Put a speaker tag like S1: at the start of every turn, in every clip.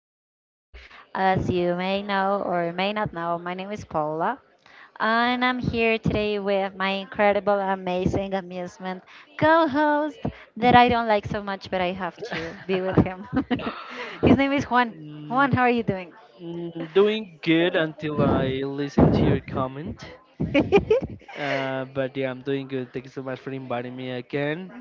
S1: podcasts. As you may know or may not know, my name is Paula, and I'm here today with my incredible, amazing amusement co host that I don't like so much, but I have to be with him. His name is Juan.
S2: Mm,
S1: Juan, how are you doing?
S2: doing good until I listen to your comment. But yeah, I'm doing good. Thank you so much for inviting me again.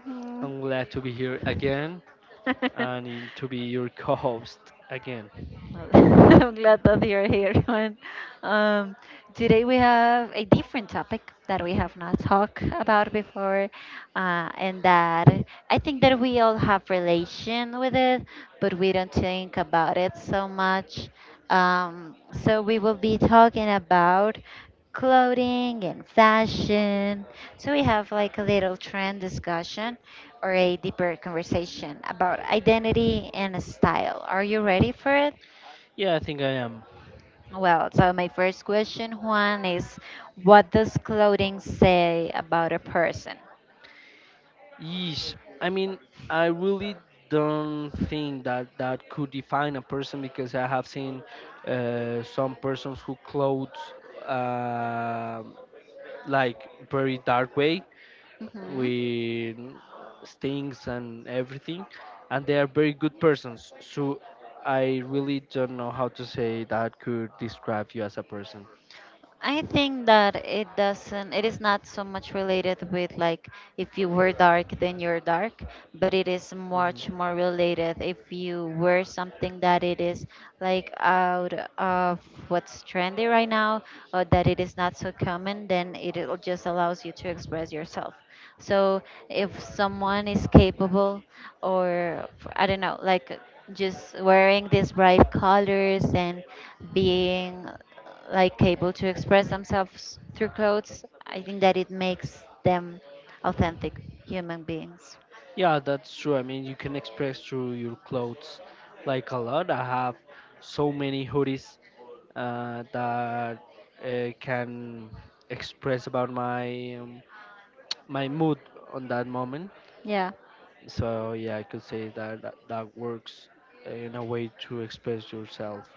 S2: I'm glad to be here again
S1: Mm.
S2: and to be your co-host again.
S1: Well, I'm glad that you're here, man. Um, Today we have a different topic that we have not talked about before, uh, and that I think that we all have relation with it, but we don't think about it so much. So we will be talking about clothing and fashion. So we have like a little trend discussion or a deeper conversation about identity and style. Are you ready for it?
S2: Yeah, I think I am.
S1: Well, so my first question, Juan, is what does clothing say about a person?
S2: Yeesh. I mean, I really don't think that that could define a person because I have seen some persons who clothes uh, like very dark way
S1: Mm-hmm.
S2: with things and everything and they are very good persons so I really don't know how to say that could describe you as a person.
S1: I think that it is not so much related with like if you were dark, then you're dark, but it is
S2: Mhm.
S1: much more related if you wear something that it is like out of what's trendy right now or that it is not so common, then it will just allows you to express yourself. So if someone is capable or I don't know, like just wearing these bright colors and being like able to express themselves through clothes, I think that it makes them authentic human beings.
S2: Yeah, that's true. I mean, you can express through your clothes like a lot. I have so many hoodies that can express about my mood on that moment.
S1: Yeah.
S2: So yeah, I could say that that works in a way to express yourself.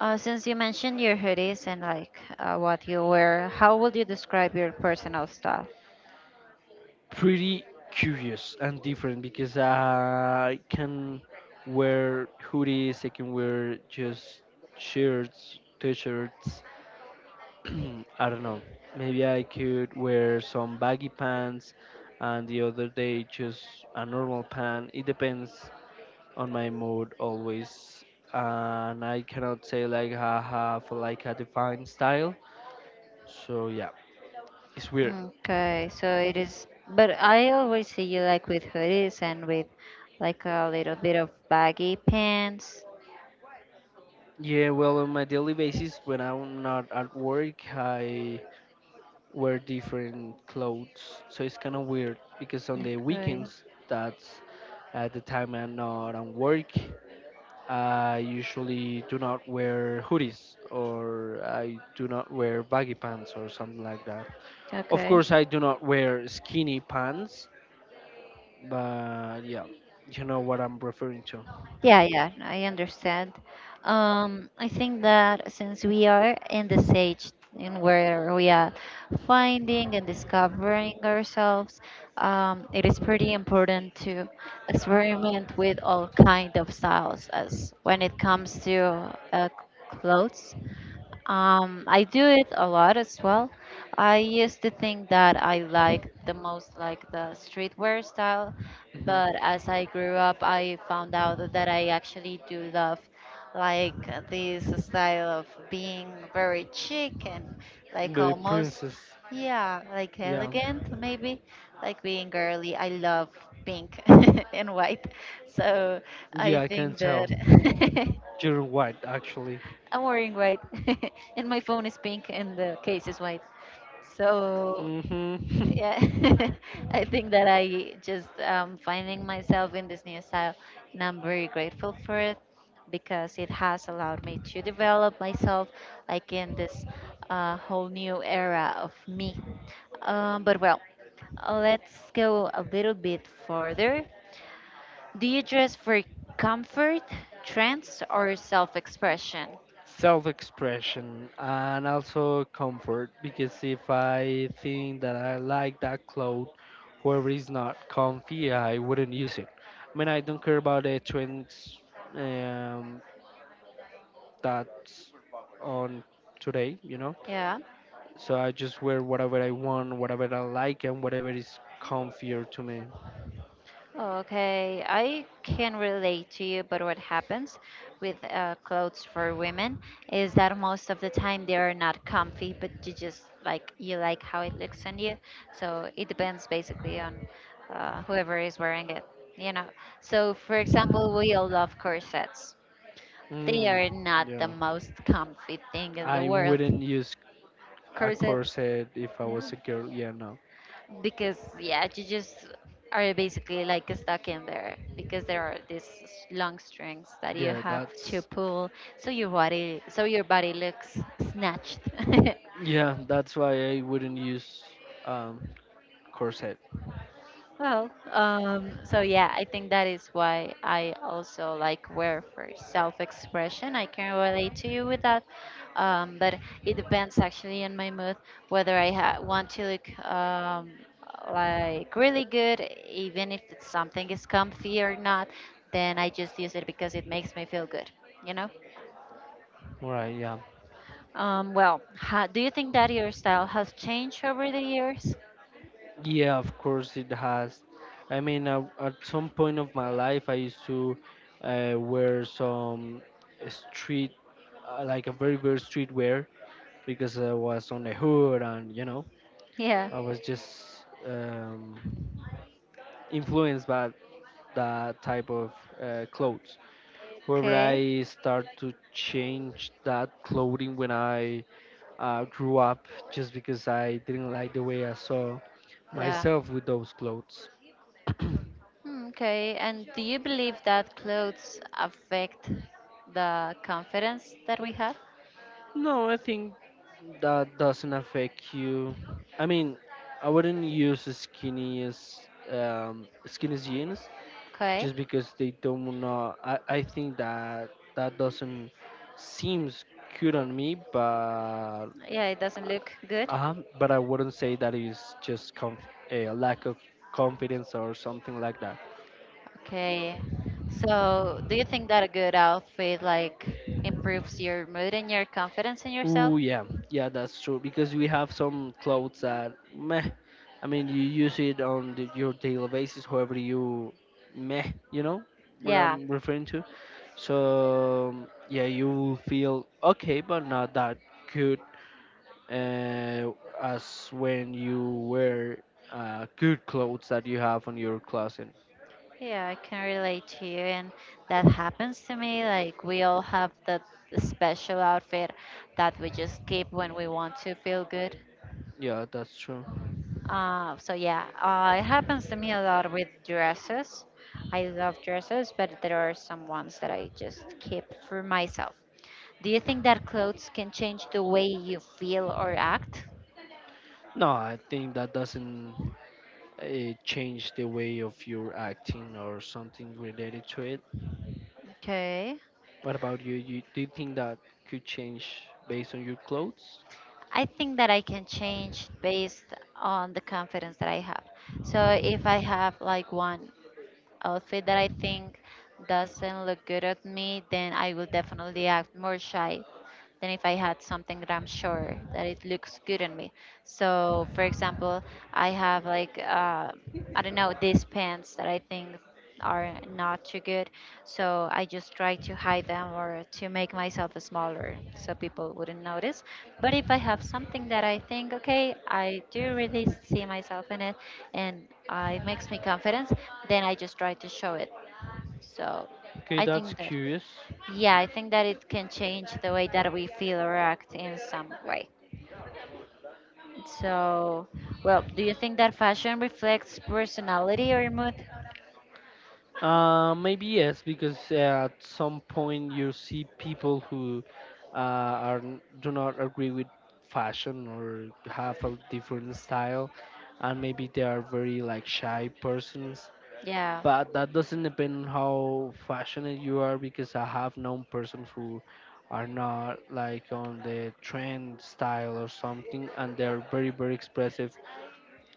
S1: Since you mentioned your hoodies and like what you wear, how would you describe your personal style?
S2: Pretty curious and different because I can wear hoodies, I can wear just shirts, t-shirts. I don't know. Maybe I could wear some baggy pants and the other day just a normal pant. It depends on my mood always. And I cannot say like I have like a defined style. So yeah, it's weird.
S1: Okay, so it is, but I always see you like with hoodies and with like a little bit of baggy pants.
S2: Yeah, well, on my daily basis, when I'm not at work, I wear different clothes. So it's kind of weird because on the
S1: Okay,
S2: weekends, that's at the time I'm not on work. I usually do not wear hoodies or I do not wear baggy pants or something like that. Of
S1: okay.
S2: course, I do not wear skinny pants, but yeah, you know what I'm referring to.
S1: Yeah, yeah, I understand. I think that since we are in this age in where we are finding and discovering ourselves, it is pretty important to experiment with all kind of styles as when it comes to clothes. I do it a lot as well. I used to think that I liked the most like the streetwear style,
S2: Hmm.
S1: but as I grew up, I found out that I actually do love like this style of being very chic and like
S2: The
S1: almost,
S2: princess.
S1: yeah, like
S2: Yeah.
S1: elegant maybe, like being girly. I love pink and white, so I
S2: Yeah, I can
S1: think
S2: tell.
S1: that.
S2: You're right, actually.
S1: I'm wearing white, and my phone is pink, and the case is white. So,
S2: Hmm.
S1: yeah, I think that I just finding myself in this new style, and I'm very grateful for it because it has allowed me to develop myself, like in this whole new era of me. But well, let's go a little bit further. Do you dress for comfort, trends, or self-expression?
S2: Self expression and also comfort because if I think that I like that cloth, whoever is not comfy, I wouldn't use it. I mean, I don't care about the trends um, that's on today, you know?
S1: Yeah.
S2: So I just wear whatever I want, whatever I like, and whatever is comfier to me.
S1: Okay, I can relate to you, but what happens with clothes for women is that most of the time they are not comfy, but you just like you like how it looks on you. So it depends basically on whoever is wearing it, you know. So for example, we all love corsets. They
S2: Mm,
S1: are not the
S2: yeah.
S1: most comfy thing in the
S2: I
S1: world.
S2: wouldn't use a
S1: Corset.
S2: corset if I was a girl. Yeah, no.
S1: Because yeah you just are basically like stuck in there because there are these long strings that you
S2: Yeah,
S1: have to
S2: that's
S1: pull so your body looks snatched.
S2: yeah, that's why I wouldn't use um corset.
S1: Well, so yeah, I think that is why I also like wear for self-expression. I can relate to you with that, but it depends actually on my mood whether I ha want to look like really good, even if it's something is comfy or not. Then I just use it because it makes me feel good, you know.
S2: Right, yeah.
S1: Well, ha do you think that your style has changed over the years?
S2: Yeah, of course it has. I mean, at some point of my life I used to wear some street like a very very street wear because I was on the hood and you know,
S1: Yeah.
S2: I was just influenced by that type of clothes. However,
S1: Okay.
S2: I start to change that clothing when I grew up just because I didn't like the way I saw
S1: Yeah.
S2: myself with those clothes.
S1: Hmm. Okay, and do you believe that clothes affect the confidence that we have?
S2: No, I think that doesn't affect you. I mean, I wouldn't use skinny as skinny jeans
S1: Okay,
S2: just because they don't know. I think that that doesn't seems cute on me, but
S1: yeah, it doesn't look good.
S2: Uh-huh, but I wouldn't say that is just a lack of confidence or something like that.
S1: Okay, so do you think that a good outfit like improves your mood and your confidence in yourself?
S2: Ooh, yeah, yeah, that's true. Because we have some clothes that meh. I mean, you use it on your daily basis, however you meh. You know what
S1: Yeah,
S2: I'm referring to. So yeah, you will feel okay, but not that good uh, as when you wear good clothes that you have on your closet.
S1: yeah, I can relate to you, and that happens to me. Like, we all have that special outfit that we just keep when we want to feel good.
S2: Yeah, that's true.
S1: So yeah, it happens to me a lot with dresses. I love dresses, but there are some ones that I just keep for myself. Do you think that clothes can change the way you feel or act?
S2: No, I think that doesn't uh, change the way of your acting or something related to it.
S1: Okay.
S2: What about you? Do you think that could change based on your clothes?
S1: I think that I can change based on the confidence that I have. So if I have like one outfit that I think doesn't look good at me, then I will definitely act more shy than if I had something that I'm sure that it looks good on me. So, for example, I have like I don't know these pants that I think are not too good, so I just try to hide them or to make myself smaller so people wouldn't notice. But if I have something that I think okay, I do really see myself in it, and it makes me confident, then I just try to show it. So,
S2: Okay,
S1: I
S2: that's
S1: think that.
S2: curious.
S1: Yeah, I think that it can change the way that we feel or act in some way. So, well, do you think that fashion reflects personality or mood?
S2: Maybe yes, because at some point you see people who uh, do not agree with fashion or have a different style, and maybe they are very like shy persons
S1: Yeah,
S2: but that doesn't depend on how fashionable you are because I have known persons who are not like on the trend style or something and they're very very expressive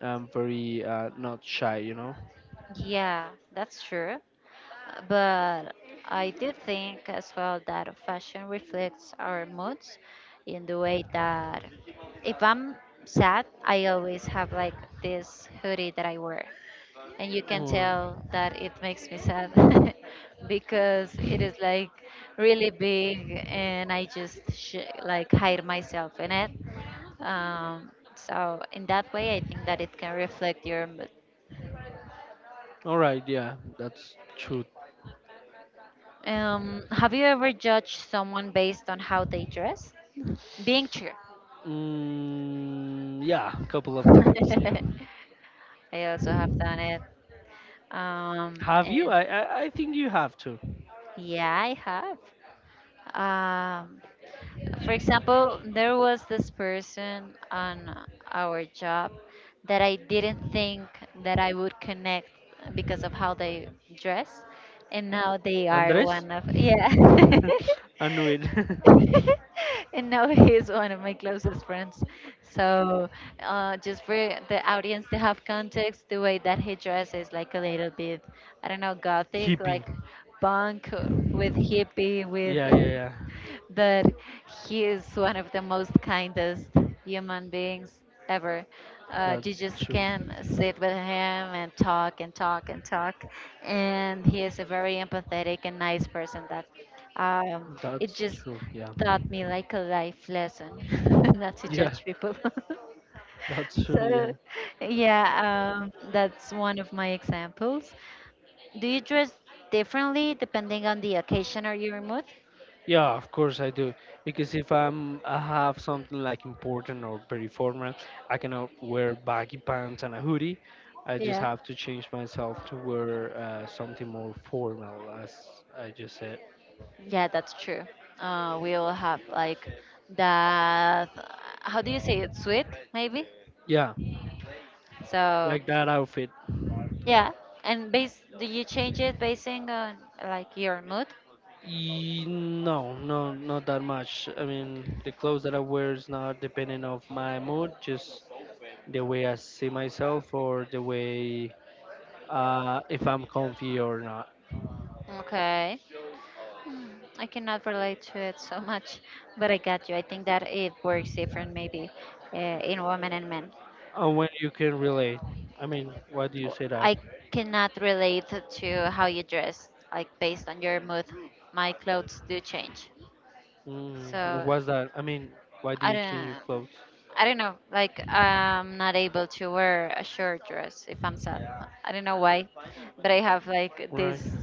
S2: and very not shy you know.
S1: yeah, that's true. But I do think as well that fashion reflects our moods in the way that if I'm sad, I always have like this hoodie that I wear, and you can
S2: Mm.
S1: tell that it makes me sad because it is like really big, and I just like hide myself in it. So in that way, I think that it can reflect your mood.
S2: All right, yeah, that's true.
S1: Have you ever judged someone based on how they dress? Being true.
S2: Mm, yeah, a couple of times, yeah.
S1: I also have done it. Um,
S2: have you
S1: and
S2: I, I i think you have to.
S1: yeah, I have. Um, for example, there was this person on our job that I didn't think that I would connect because of how they dress, and now they are
S2: Andres?
S1: one of yeah.
S2: I knew it. I
S1: And now he's one of my closest friends. So, just for the audience to have context, the way that he dresses, like a little bit, I don't know, gothic,
S2: Hippie.
S1: like punk with hippie, with.
S2: Yeah, yeah, yeah.
S1: But he is one of the most kindest human beings ever.
S2: Like
S1: You
S2: that's
S1: just
S2: true.
S1: can sit with him and talk and talk and talk. And he is a very empathetic and nice person that um, it
S2: That's
S1: just
S2: true. Yeah.
S1: taught me like a life lesson not to
S2: Yeah,
S1: judge people.
S2: that's true. Yeah.
S1: So, yeah, that's one of my examples. Do you dress differently depending on the occasion or your mood?
S2: Yeah, of course I do. Because if I'm I have something like important or very formal, I cannot wear baggy pants and a hoodie. I just
S1: Yeah.
S2: have to change myself to wear something more formal, as I just said.
S1: Yeah, that's true. We all have like that. How do you say it? Sweet, maybe.
S2: Yeah,
S1: So,
S2: like that outfit.
S1: yeah. And base, do you change it basing on like your mood?
S2: No, no, not that much. I mean, the clothes that I wear is not depending of my mood, just the way I see myself or the way if I'm comfy or not.
S1: Okay. I cannot relate to it so much, but I got you. I think that it works different maybe uh, in women and men.
S2: And when you can relate, I mean, why do you say that?
S1: I cannot relate to how you dress, like based on your mood. My clothes do change.
S2: Mm,
S1: So
S2: what's that? I mean, why do
S1: I
S2: you change
S1: don't.
S2: your clothes?
S1: I don't know. Like I'm not able to wear a short dress if I'm sad. I don't know why, but I have like
S2: Right.
S1: this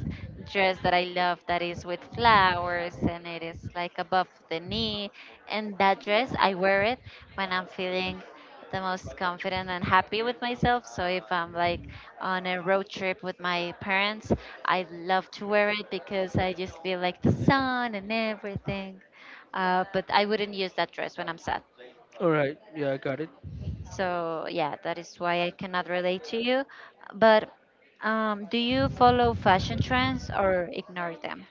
S1: dress that I love that is with flowers and it is like above the knee. And that dress, I wear it when I'm feeling the most confident and happy with myself. So if I'm like on a road trip with my parents, I love to wear it because I just feel like the sun and everything. But I wouldn't use that dress when I'm sad.
S2: All right. Yeah, I got it.
S1: So yeah, that is why I cannot relate to you. But do you follow fashion trends or ignore them?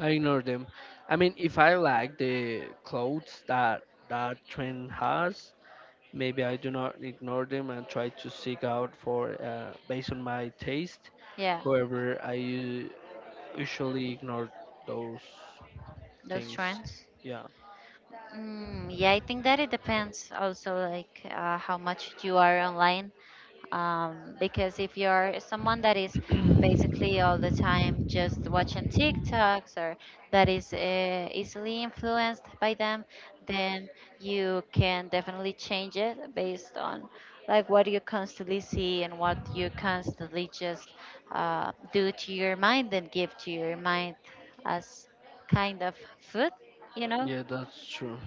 S2: I ignore them. I mean, if I like the clothes that that trend has, maybe I do not ignore them and try to seek out for based on my taste.
S1: Yeah,
S2: However, I usually ignore those
S1: those
S2: things.
S1: trends.
S2: Yeah.
S1: Mm, yeah, I think that it depends also like how much you are online. Because if you're someone that is basically all the time just watching TikToks or that is easily influenced by them, then you can definitely change it based on like what you constantly see and what you constantly just do to your mind and give to your mind as kind of food, you know?
S2: Yeah, that's true.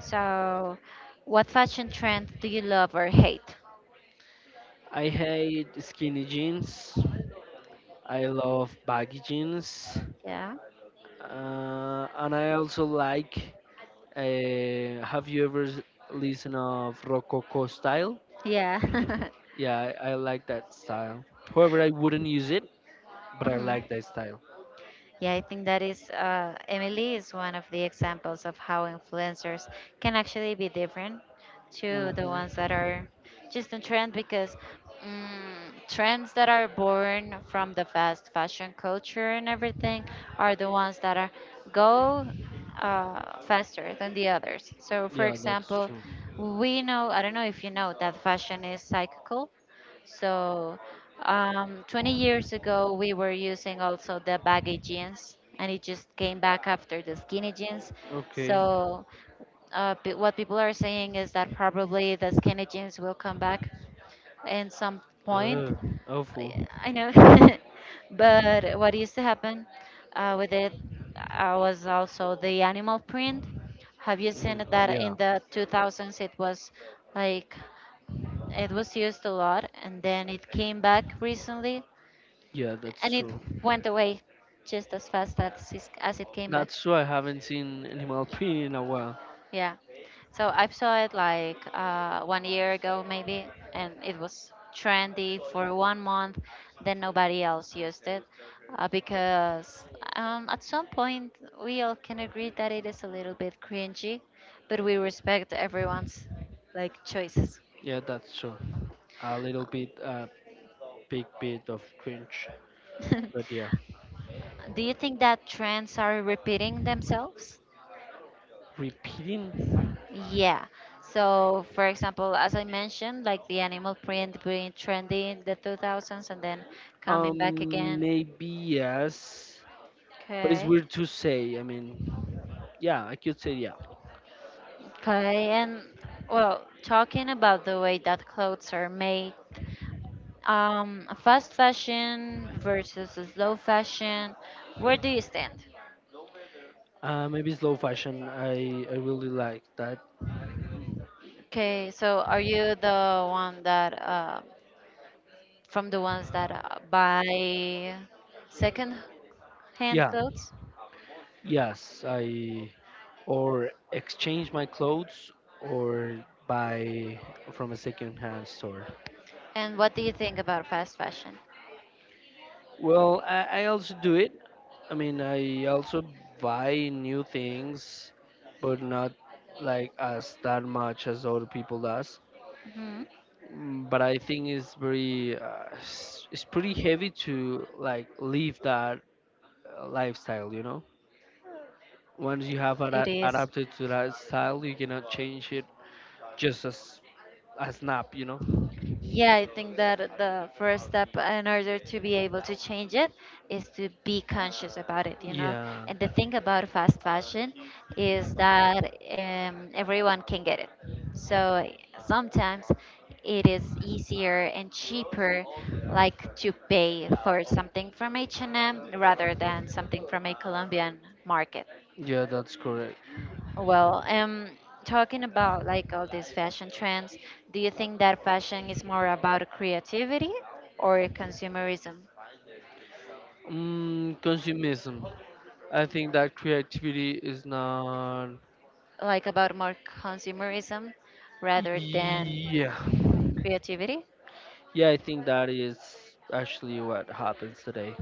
S1: So, what fashion trend do you love or hate?
S2: I hate skinny jeans. I love baggy jeans,
S1: Yeah.
S2: and I also like. Have you ever listened of Rococo style?
S1: Yeah.
S2: Yeah, I like that style. However, I wouldn't use it, but I
S1: Hmm.
S2: like that style.
S1: Yeah, I think that is Emily is one of the examples of how influencers can actually be different to the ones that
S2: Hmm.
S1: are just in trend because mm, trends that are born from the fast fashion culture and everything are the ones that are go faster than the others. So, for
S2: Yeah, that's
S1: example,
S2: true.
S1: we know I don't know if you know that fashion is cyclical so, 20 years ago, we were using also the baggy jeans, and it just came back after the skinny jeans.
S2: Okay.
S1: So, what people are saying is that probably the skinny jeans will come back in some point.
S2: Ugh,
S1: I
S2: awful.
S1: I know, but what used to happen with it was also the animal print. Have you seen
S2: Mm,
S1: that
S2: yeah,
S1: in the 2000s? It was like it was used a lot and then it came back recently
S2: yeah, that's
S1: and it
S2: true.
S1: went away just as fast as it came back.
S2: That's true. I haven't seen Animal Print in a while.
S1: Yeah. So I saw it like 1 year ago maybe and it was trendy for 1 month. Then nobody else used it because at some point we all can agree that it is a little bit cringy, but we respect everyone's like choices.
S2: Yeah, that's true. A big bit of cringe. But yeah,
S1: Do you think that trends are repeating themselves?
S2: repeating.
S1: Yeah. So, for example, as I mentioned, like the animal print being trendy in the 2000s and then coming back again.
S2: Maybe yes, but it's
S1: Okay.
S2: weird to say. I mean, yeah, I could say yeah.
S1: Okay. And well, talking about the way that clothes are made, fast fashion versus slow fashion, where do you stand?
S2: Maybe slow fashion. I really like that.
S1: Okay. So, are you from the ones that buy second hand
S2: Yeah.
S1: clothes.
S2: Yes, I or exchange my clothes or buy from a second-hand store.
S1: And what do you think about fast fashion?
S2: Well, I also do it. I mean, I also buy new things, but not like as that much as other people does.
S1: Mhm.
S2: Mm, but I think it's pretty heavy to like live that lifestyle, you know. Once you have
S1: It is.
S2: adapted to that style, you cannot change it just as a snap, you know.
S1: Yeah, I think that the first step in order to be able to change it is to be conscious about it.
S2: Yeah,
S1: And the thing about fast fashion is that everyone can get it. So sometimes it is easier and cheaper, like to pay for something from H&M rather than something from a Colombian market.
S2: yeah, that's correct.
S1: Well, talking about like all these fashion trends, do you think that fashion is more about creativity or consumerism?
S2: Mm, consumism. I think that creativity is not.
S1: Like about more consumerism rather than
S2: Yeah,
S1: creativity?
S2: yeah, I think that is actually what happens today.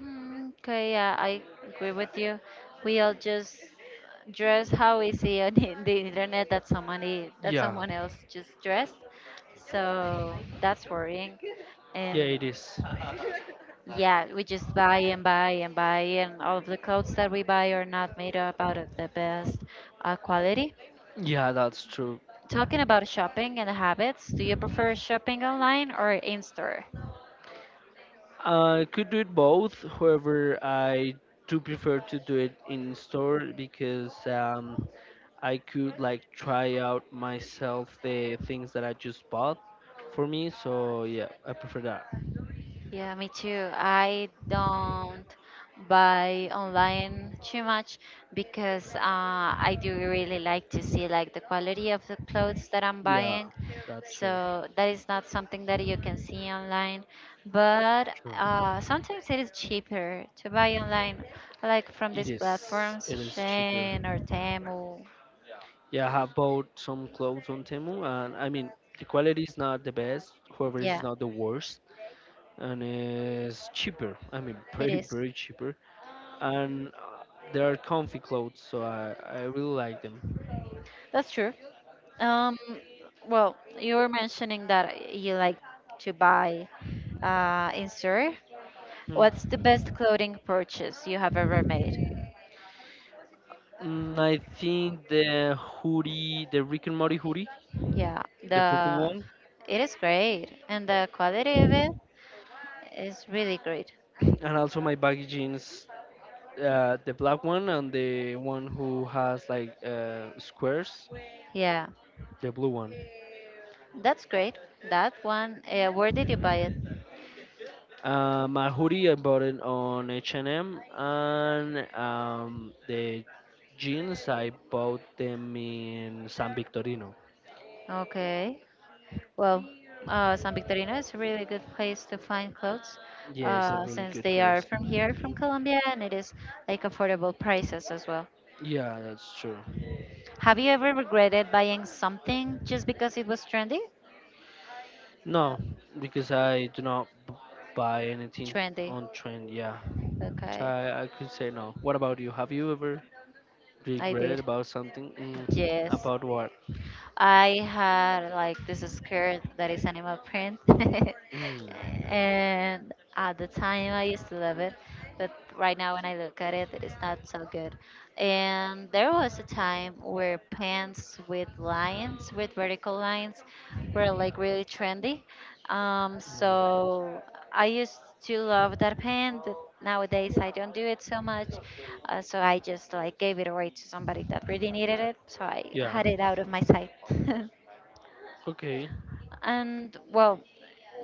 S1: Okay, yeah, I agree with you. We all just dress how we see on the internet that somebody that
S2: Yeah,
S1: someone else just dressed. So that's worrying.
S2: yeah,
S1: And,
S2: it is.
S1: yeah, we just buy and buy and buy, and all of the clothes that we buy are not made up out of the best quality.
S2: Yeah, that's true.
S1: Talking about shopping and habits, do you prefer shopping online or in store?
S2: I could do it both. However, I do prefer to do it in store because I could like try out myself the things that I just bought for me. So yeah, I prefer that.
S1: Yeah, me too. I don't buy online too much because I do really like to see like the quality of the clothes that I'm
S2: Yeah,
S1: buying.
S2: that too.
S1: So that is not something that you can see online, but
S2: True.
S1: sometimes it is cheaper to buy online, like from
S2: It
S1: these
S2: is.
S1: platforms,
S2: It is cheaper.
S1: Shein or Temu.
S2: Yeah, I have bought some clothes on Temu, and I mean the quality is not the best. However, it's
S1: Yeah,
S2: not the worst, and it's cheaper. I mean,
S1: it
S2: very
S1: is.
S2: very cheaper. And they are comfy clothes, so I really like them.
S1: That's true. Um, well, you were mentioning that you like to buy in store. What's the
S2: Hmm.
S1: best clothing purchase you have ever made?
S2: Mm, I think the hoodie, the Rick and Morty hoodie,
S1: Yeah,
S2: the purple
S1: the
S2: one,
S1: it is great, and the quality of it is really great.
S2: and also my baggy jeans, the black one, and the one who has like squares,
S1: Yeah,
S2: the blue one.
S1: that's great. That one, where did you buy it?
S2: My hoodie I bought it on H&M, and M, and um, the jeans I bought them in San Victorino.
S1: Okay. Well, San Victorino is a really good place to find clothes
S2: Yeah, it's a really
S1: since
S2: good
S1: they are
S2: place.
S1: from here, from Colombia, and it is like affordable prices as well.
S2: Yeah, that's true.
S1: Have you ever regretted buying something just because it was trendy?
S2: No, because I do not buy anything
S1: Trendy.
S2: on trend. Yeah, so
S1: Okay.
S2: I could say no. What about you? Have you ever
S1: I
S2: regretted
S1: did.
S2: about something? Mm,
S1: Yes.
S2: about what?
S1: I had like this skirt that is animal print,
S2: Mm,
S1: and at the time I used to love it, but right now when I look at it, it is not so good. And there was a time where pants with lines, with vertical lines, were like really trendy. So I used to love that pant. Nowadays, I don't do it so much, so I just like gave it away to somebody that really needed it. So I
S2: yeah.
S1: had it out of my sight.
S2: Okay.
S1: And, well,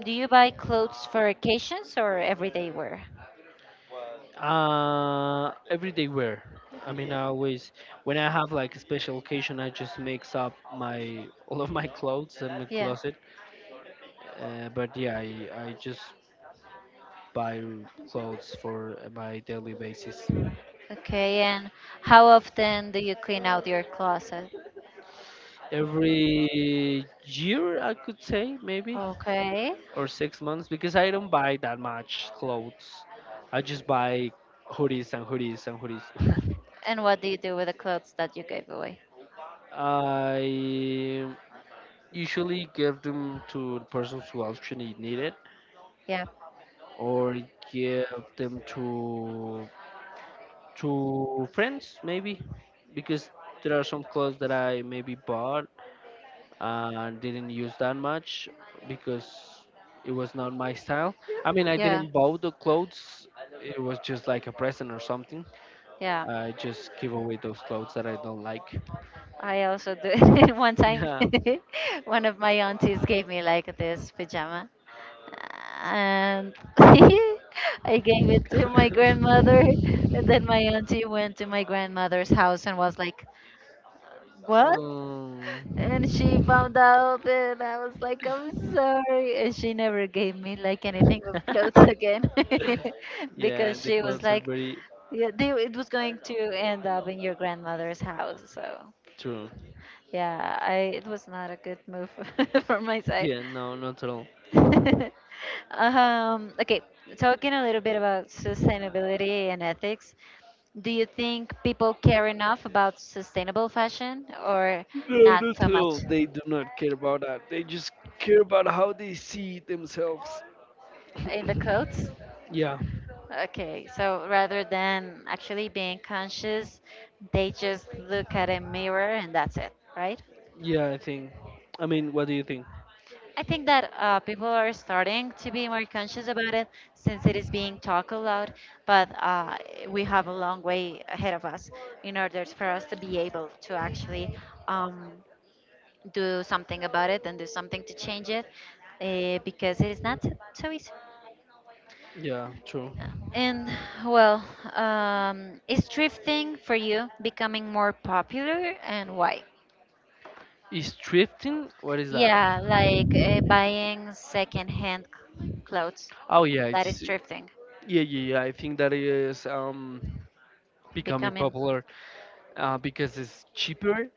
S1: do you buy clothes for occasions or everyday wear?
S2: Everyday wear. I mean, I always when I have like a special occasion, I just mix up my all of my clothes in my
S1: Yeah.
S2: closet. But yeah, I just buy clothes for my daily basis.
S1: Okay. And how often do you clean out your closet?
S2: Every year I could say, maybe
S1: Okay.
S2: or 6 months, because I don't buy that much clothes. I just buy hoodies and hoodies and hoodies.
S1: And what do you do with the clothes that you gave away?
S2: I usually give them to the persons who actually need it
S1: Yeah.
S2: or give them to friends maybe because there are some clothes that I maybe bought didn't use that much because it was not my style. I mean, I
S1: Yeah.
S2: didn't buy the clothes. It was just like a present or something.
S1: Yeah.
S2: I just give away those clothes that I don't like.
S1: I also do it one time.
S2: Yeah.
S1: One of my aunties gave me like this pajama, and I gave it to my grandmother. And then my auntie went to my grandmother's house and was like, "What?"
S2: Um,
S1: And she found out, and I was like, "I'm sorry." And she never gave me like anything with clothes again
S2: yeah,
S1: because
S2: the
S1: she was
S2: clothes are
S1: like,
S2: very
S1: "Yeah, it was going to end up in your grandmother's house." So.
S2: true.
S1: Yeah, I it was not a good move from my side.
S2: Yeah, no, not at all.
S1: Okay, talking a little bit about sustainability and ethics, do you think people care enough about sustainable fashion or
S2: No,
S1: not
S2: not
S1: so
S2: at
S1: much
S2: all. They do not care about that. They just care about how they see themselves.
S1: in the clothes?
S2: Yeah.
S1: Okay, so rather than actually being conscious, they just look at a mirror and that's it, right?
S2: Yeah, I think. I mean, what do you think?
S1: I think that people are starting to be more conscious about it since it is being talked aloud, but we have a long way ahead of us in order for us to be able to actually um, do something about it and do something to change it because it is not so easy.
S2: Yeah, true.
S1: And well, is thrifting for you becoming more popular and why?
S2: Is drifting? What is that?
S1: Yeah, like buying secondhand clothes.
S2: Oh yeah,
S1: That
S2: it's
S1: is drifting,
S2: yeah, yeah, yeah. I think that is becoming
S1: becoming,
S2: popular because it's cheaper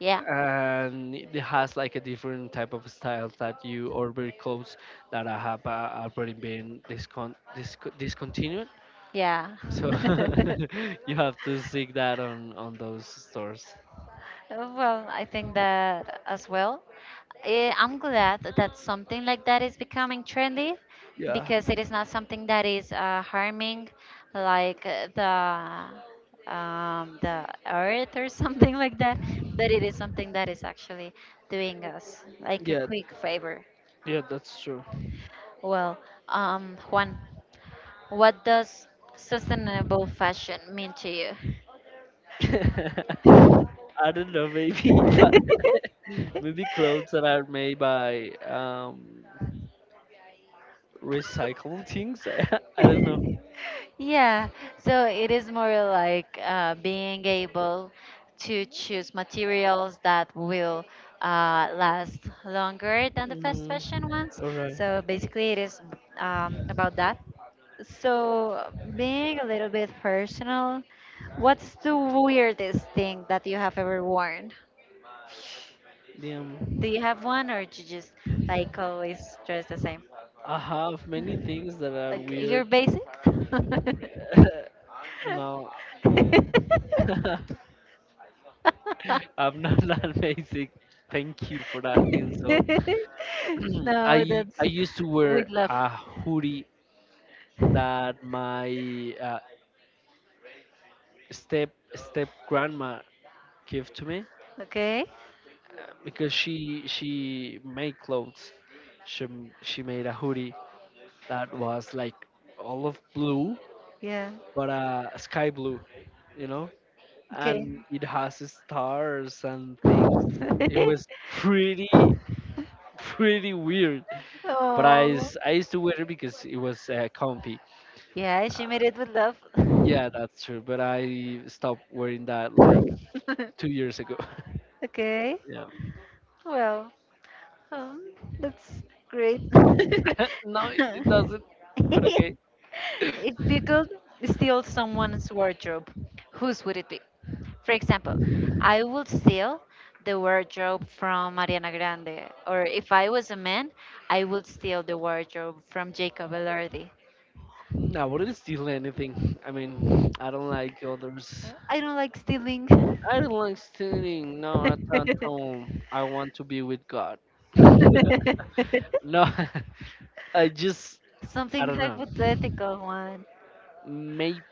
S1: yeah,
S2: and it has like a different type of style that you or very clothes that I have uh, already been discontinued.
S1: yeah.
S2: So you have to seek that on those stores.
S1: Well, I think that as well. I'm glad that something like that is becoming trendy
S2: Yeah,
S1: because it is not something that is harming like the earth or something like that, but it is something that is actually doing us like a
S2: yeah,
S1: quick favor.
S2: yeah. That's true.
S1: Well, Juan, what does sustainable fashion mean to you?
S2: I don't know, maybe if I, maybe clothes that are made by recycled things. I don't know.
S1: Yeah, so it is more like being able to choose materials that will last longer than the fast
S2: Mm,
S1: fashion ones.
S2: all right.
S1: So basically, it is about that. So, being a little bit personal, what's the weirdest thing that you have ever worn?
S2: Damn.
S1: Do you have one, or do you just like always dress the same?
S2: I have many things that are
S1: Like
S2: weird.
S1: you're basic?
S2: No, I'm not that basic. Thank you for that insult.
S1: No,
S2: I
S1: that's
S2: I used to
S1: with
S2: wear
S1: love.
S2: a hoodie that my uh, step grandma gave to me
S1: Okay?
S2: because she made clothes. She made a hoodie that was like all of blue,
S1: Yeah.
S2: but sky blue, you know,
S1: Okay.
S2: and it has stars and things. It was pretty weird, but I
S1: Oh.
S2: I used to wear it because it was comfy.
S1: Yeah, she made it with love.
S2: Yeah, that's true. But I stopped wearing that like two years ago.
S1: Okay.
S2: Yeah,
S1: Well, Um, that's great.
S2: no, it doesn't. But okay.
S1: If you could steal someone's wardrobe, whose would it be? For example, I would steal the wardrobe from Ariana Grande, or if I was a man, I would steal the wardrobe from Jacob Elordi.
S2: I wouldn't steal anything. I mean, I don't like others.
S1: I don't like stealing.
S2: I don't like stealing. No, I'm at that home. I want to be with God. No, I just I
S1: Something
S2: don't know.
S1: hypothetical one.
S2: Maybe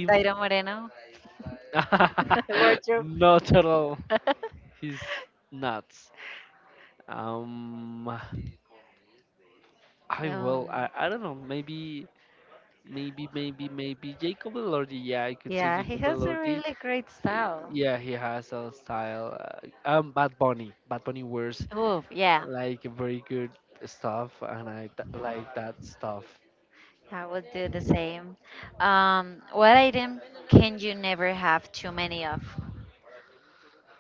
S1: Daira Moreno, wardrobe.
S2: not at all. He's nuts. I will.
S1: Um,
S2: I don't know. Maybe Jacob Elordi. Yeah, I could say
S1: yeah, he
S2: Jacob
S1: has a
S2: Elordi.
S1: really great
S2: Y-
S1: style.
S2: Yeah, he has a style. Bad Bunny. Bad Bunny wears
S1: Oh, yeah,
S2: like very good stuff, and I th like that stuff.
S1: I would do the same. What item can you never have too many of?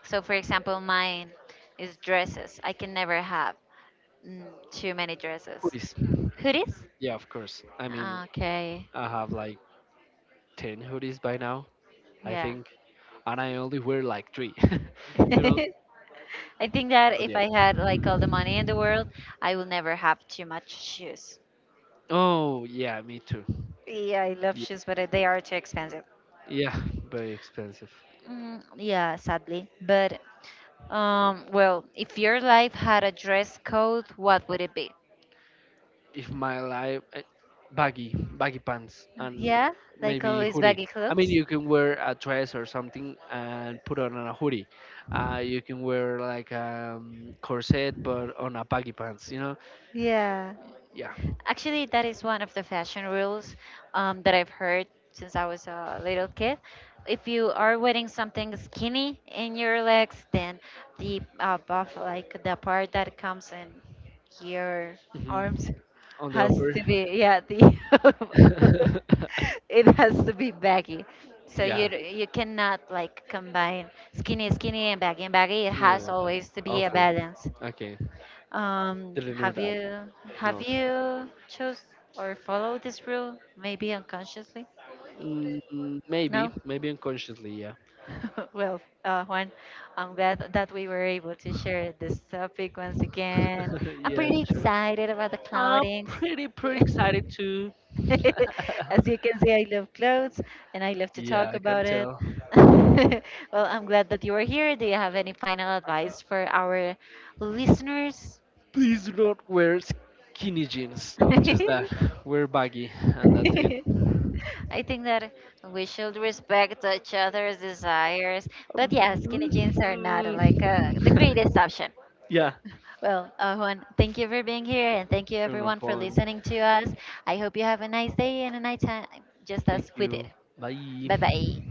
S1: So, for example, mine is dresses. I can never have mm, too many dresses.
S2: Hoodies.
S1: Hoodies?
S2: Yeah, of course. I mean,
S1: Okay,
S2: I have like 10 hoodies by now, I
S1: yeah.
S2: think, and I only wear like three, you know.
S1: I think that
S2: But
S1: if
S2: yeah.
S1: I had like all the money in the world, I will never have too much shoes.
S2: Oh, yeah, me too.
S1: Yeah, I love
S2: Yeah,
S1: shoes, but they are too expensive.
S2: yeah, very expensive.
S1: Yeah, sadly. But, well, if your life had a dress code, what would it be?
S2: If my life, baggy baggy pants and
S1: Yeah, like
S2: maybe
S1: always
S2: hoodie.
S1: baggy
S2: I mean,
S1: clothes.
S2: you can wear a dress or something and put on a hoodie. Uh, you can wear like a corset but on a baggy pants, you know.
S1: Yeah.
S2: Yeah.
S1: Actually, that is one of the fashion rules that I've heard since I was a little kid. If you are wearing something skinny in your legs, then the buff, like the part that comes in your
S2: Hmm.
S1: arms,
S2: On the
S1: has
S2: upper
S1: to be yeah the it has to be baggy. So
S2: yeah.
S1: you cannot like combine skinny skinny and baggy and baggy. It has
S2: Mm,
S1: always to be a
S2: awful.
S1: balance.
S2: Okay, didn't know
S1: Have
S2: that.
S1: you have
S2: No.
S1: you chose or followed this rule, maybe unconsciously?
S2: Mm, maybe
S1: No?
S2: maybe unconsciously, yeah.
S1: Well, Juan, I'm glad that we were able to share this topic once again. I'm
S2: Yeah,
S1: pretty
S2: sure.
S1: excited about the cloudings. As you can see, I love clothes and I love to
S2: Yeah,
S1: talk
S2: I can
S1: about it.
S2: tell.
S1: Well, I'm glad that you are here. Do you have any final advice for our listeners?
S2: Please do not wear skinny jeans. Just that. Wear baggy, and that's it.
S1: I think that we should respect each other's desires. But yeah, skinny
S2: Mm,
S1: jeans are not like the greatest
S2: mm.
S1: option.
S2: Yeah.
S1: Well, Juan, thank you for being here and thank you
S2: Sure, no
S1: everyone for
S2: problem.
S1: listening to us. I hope you have a nice day and a nice time, just
S2: Thank
S1: as we
S2: you.
S1: did. Bye
S2: Bye.
S1: bye.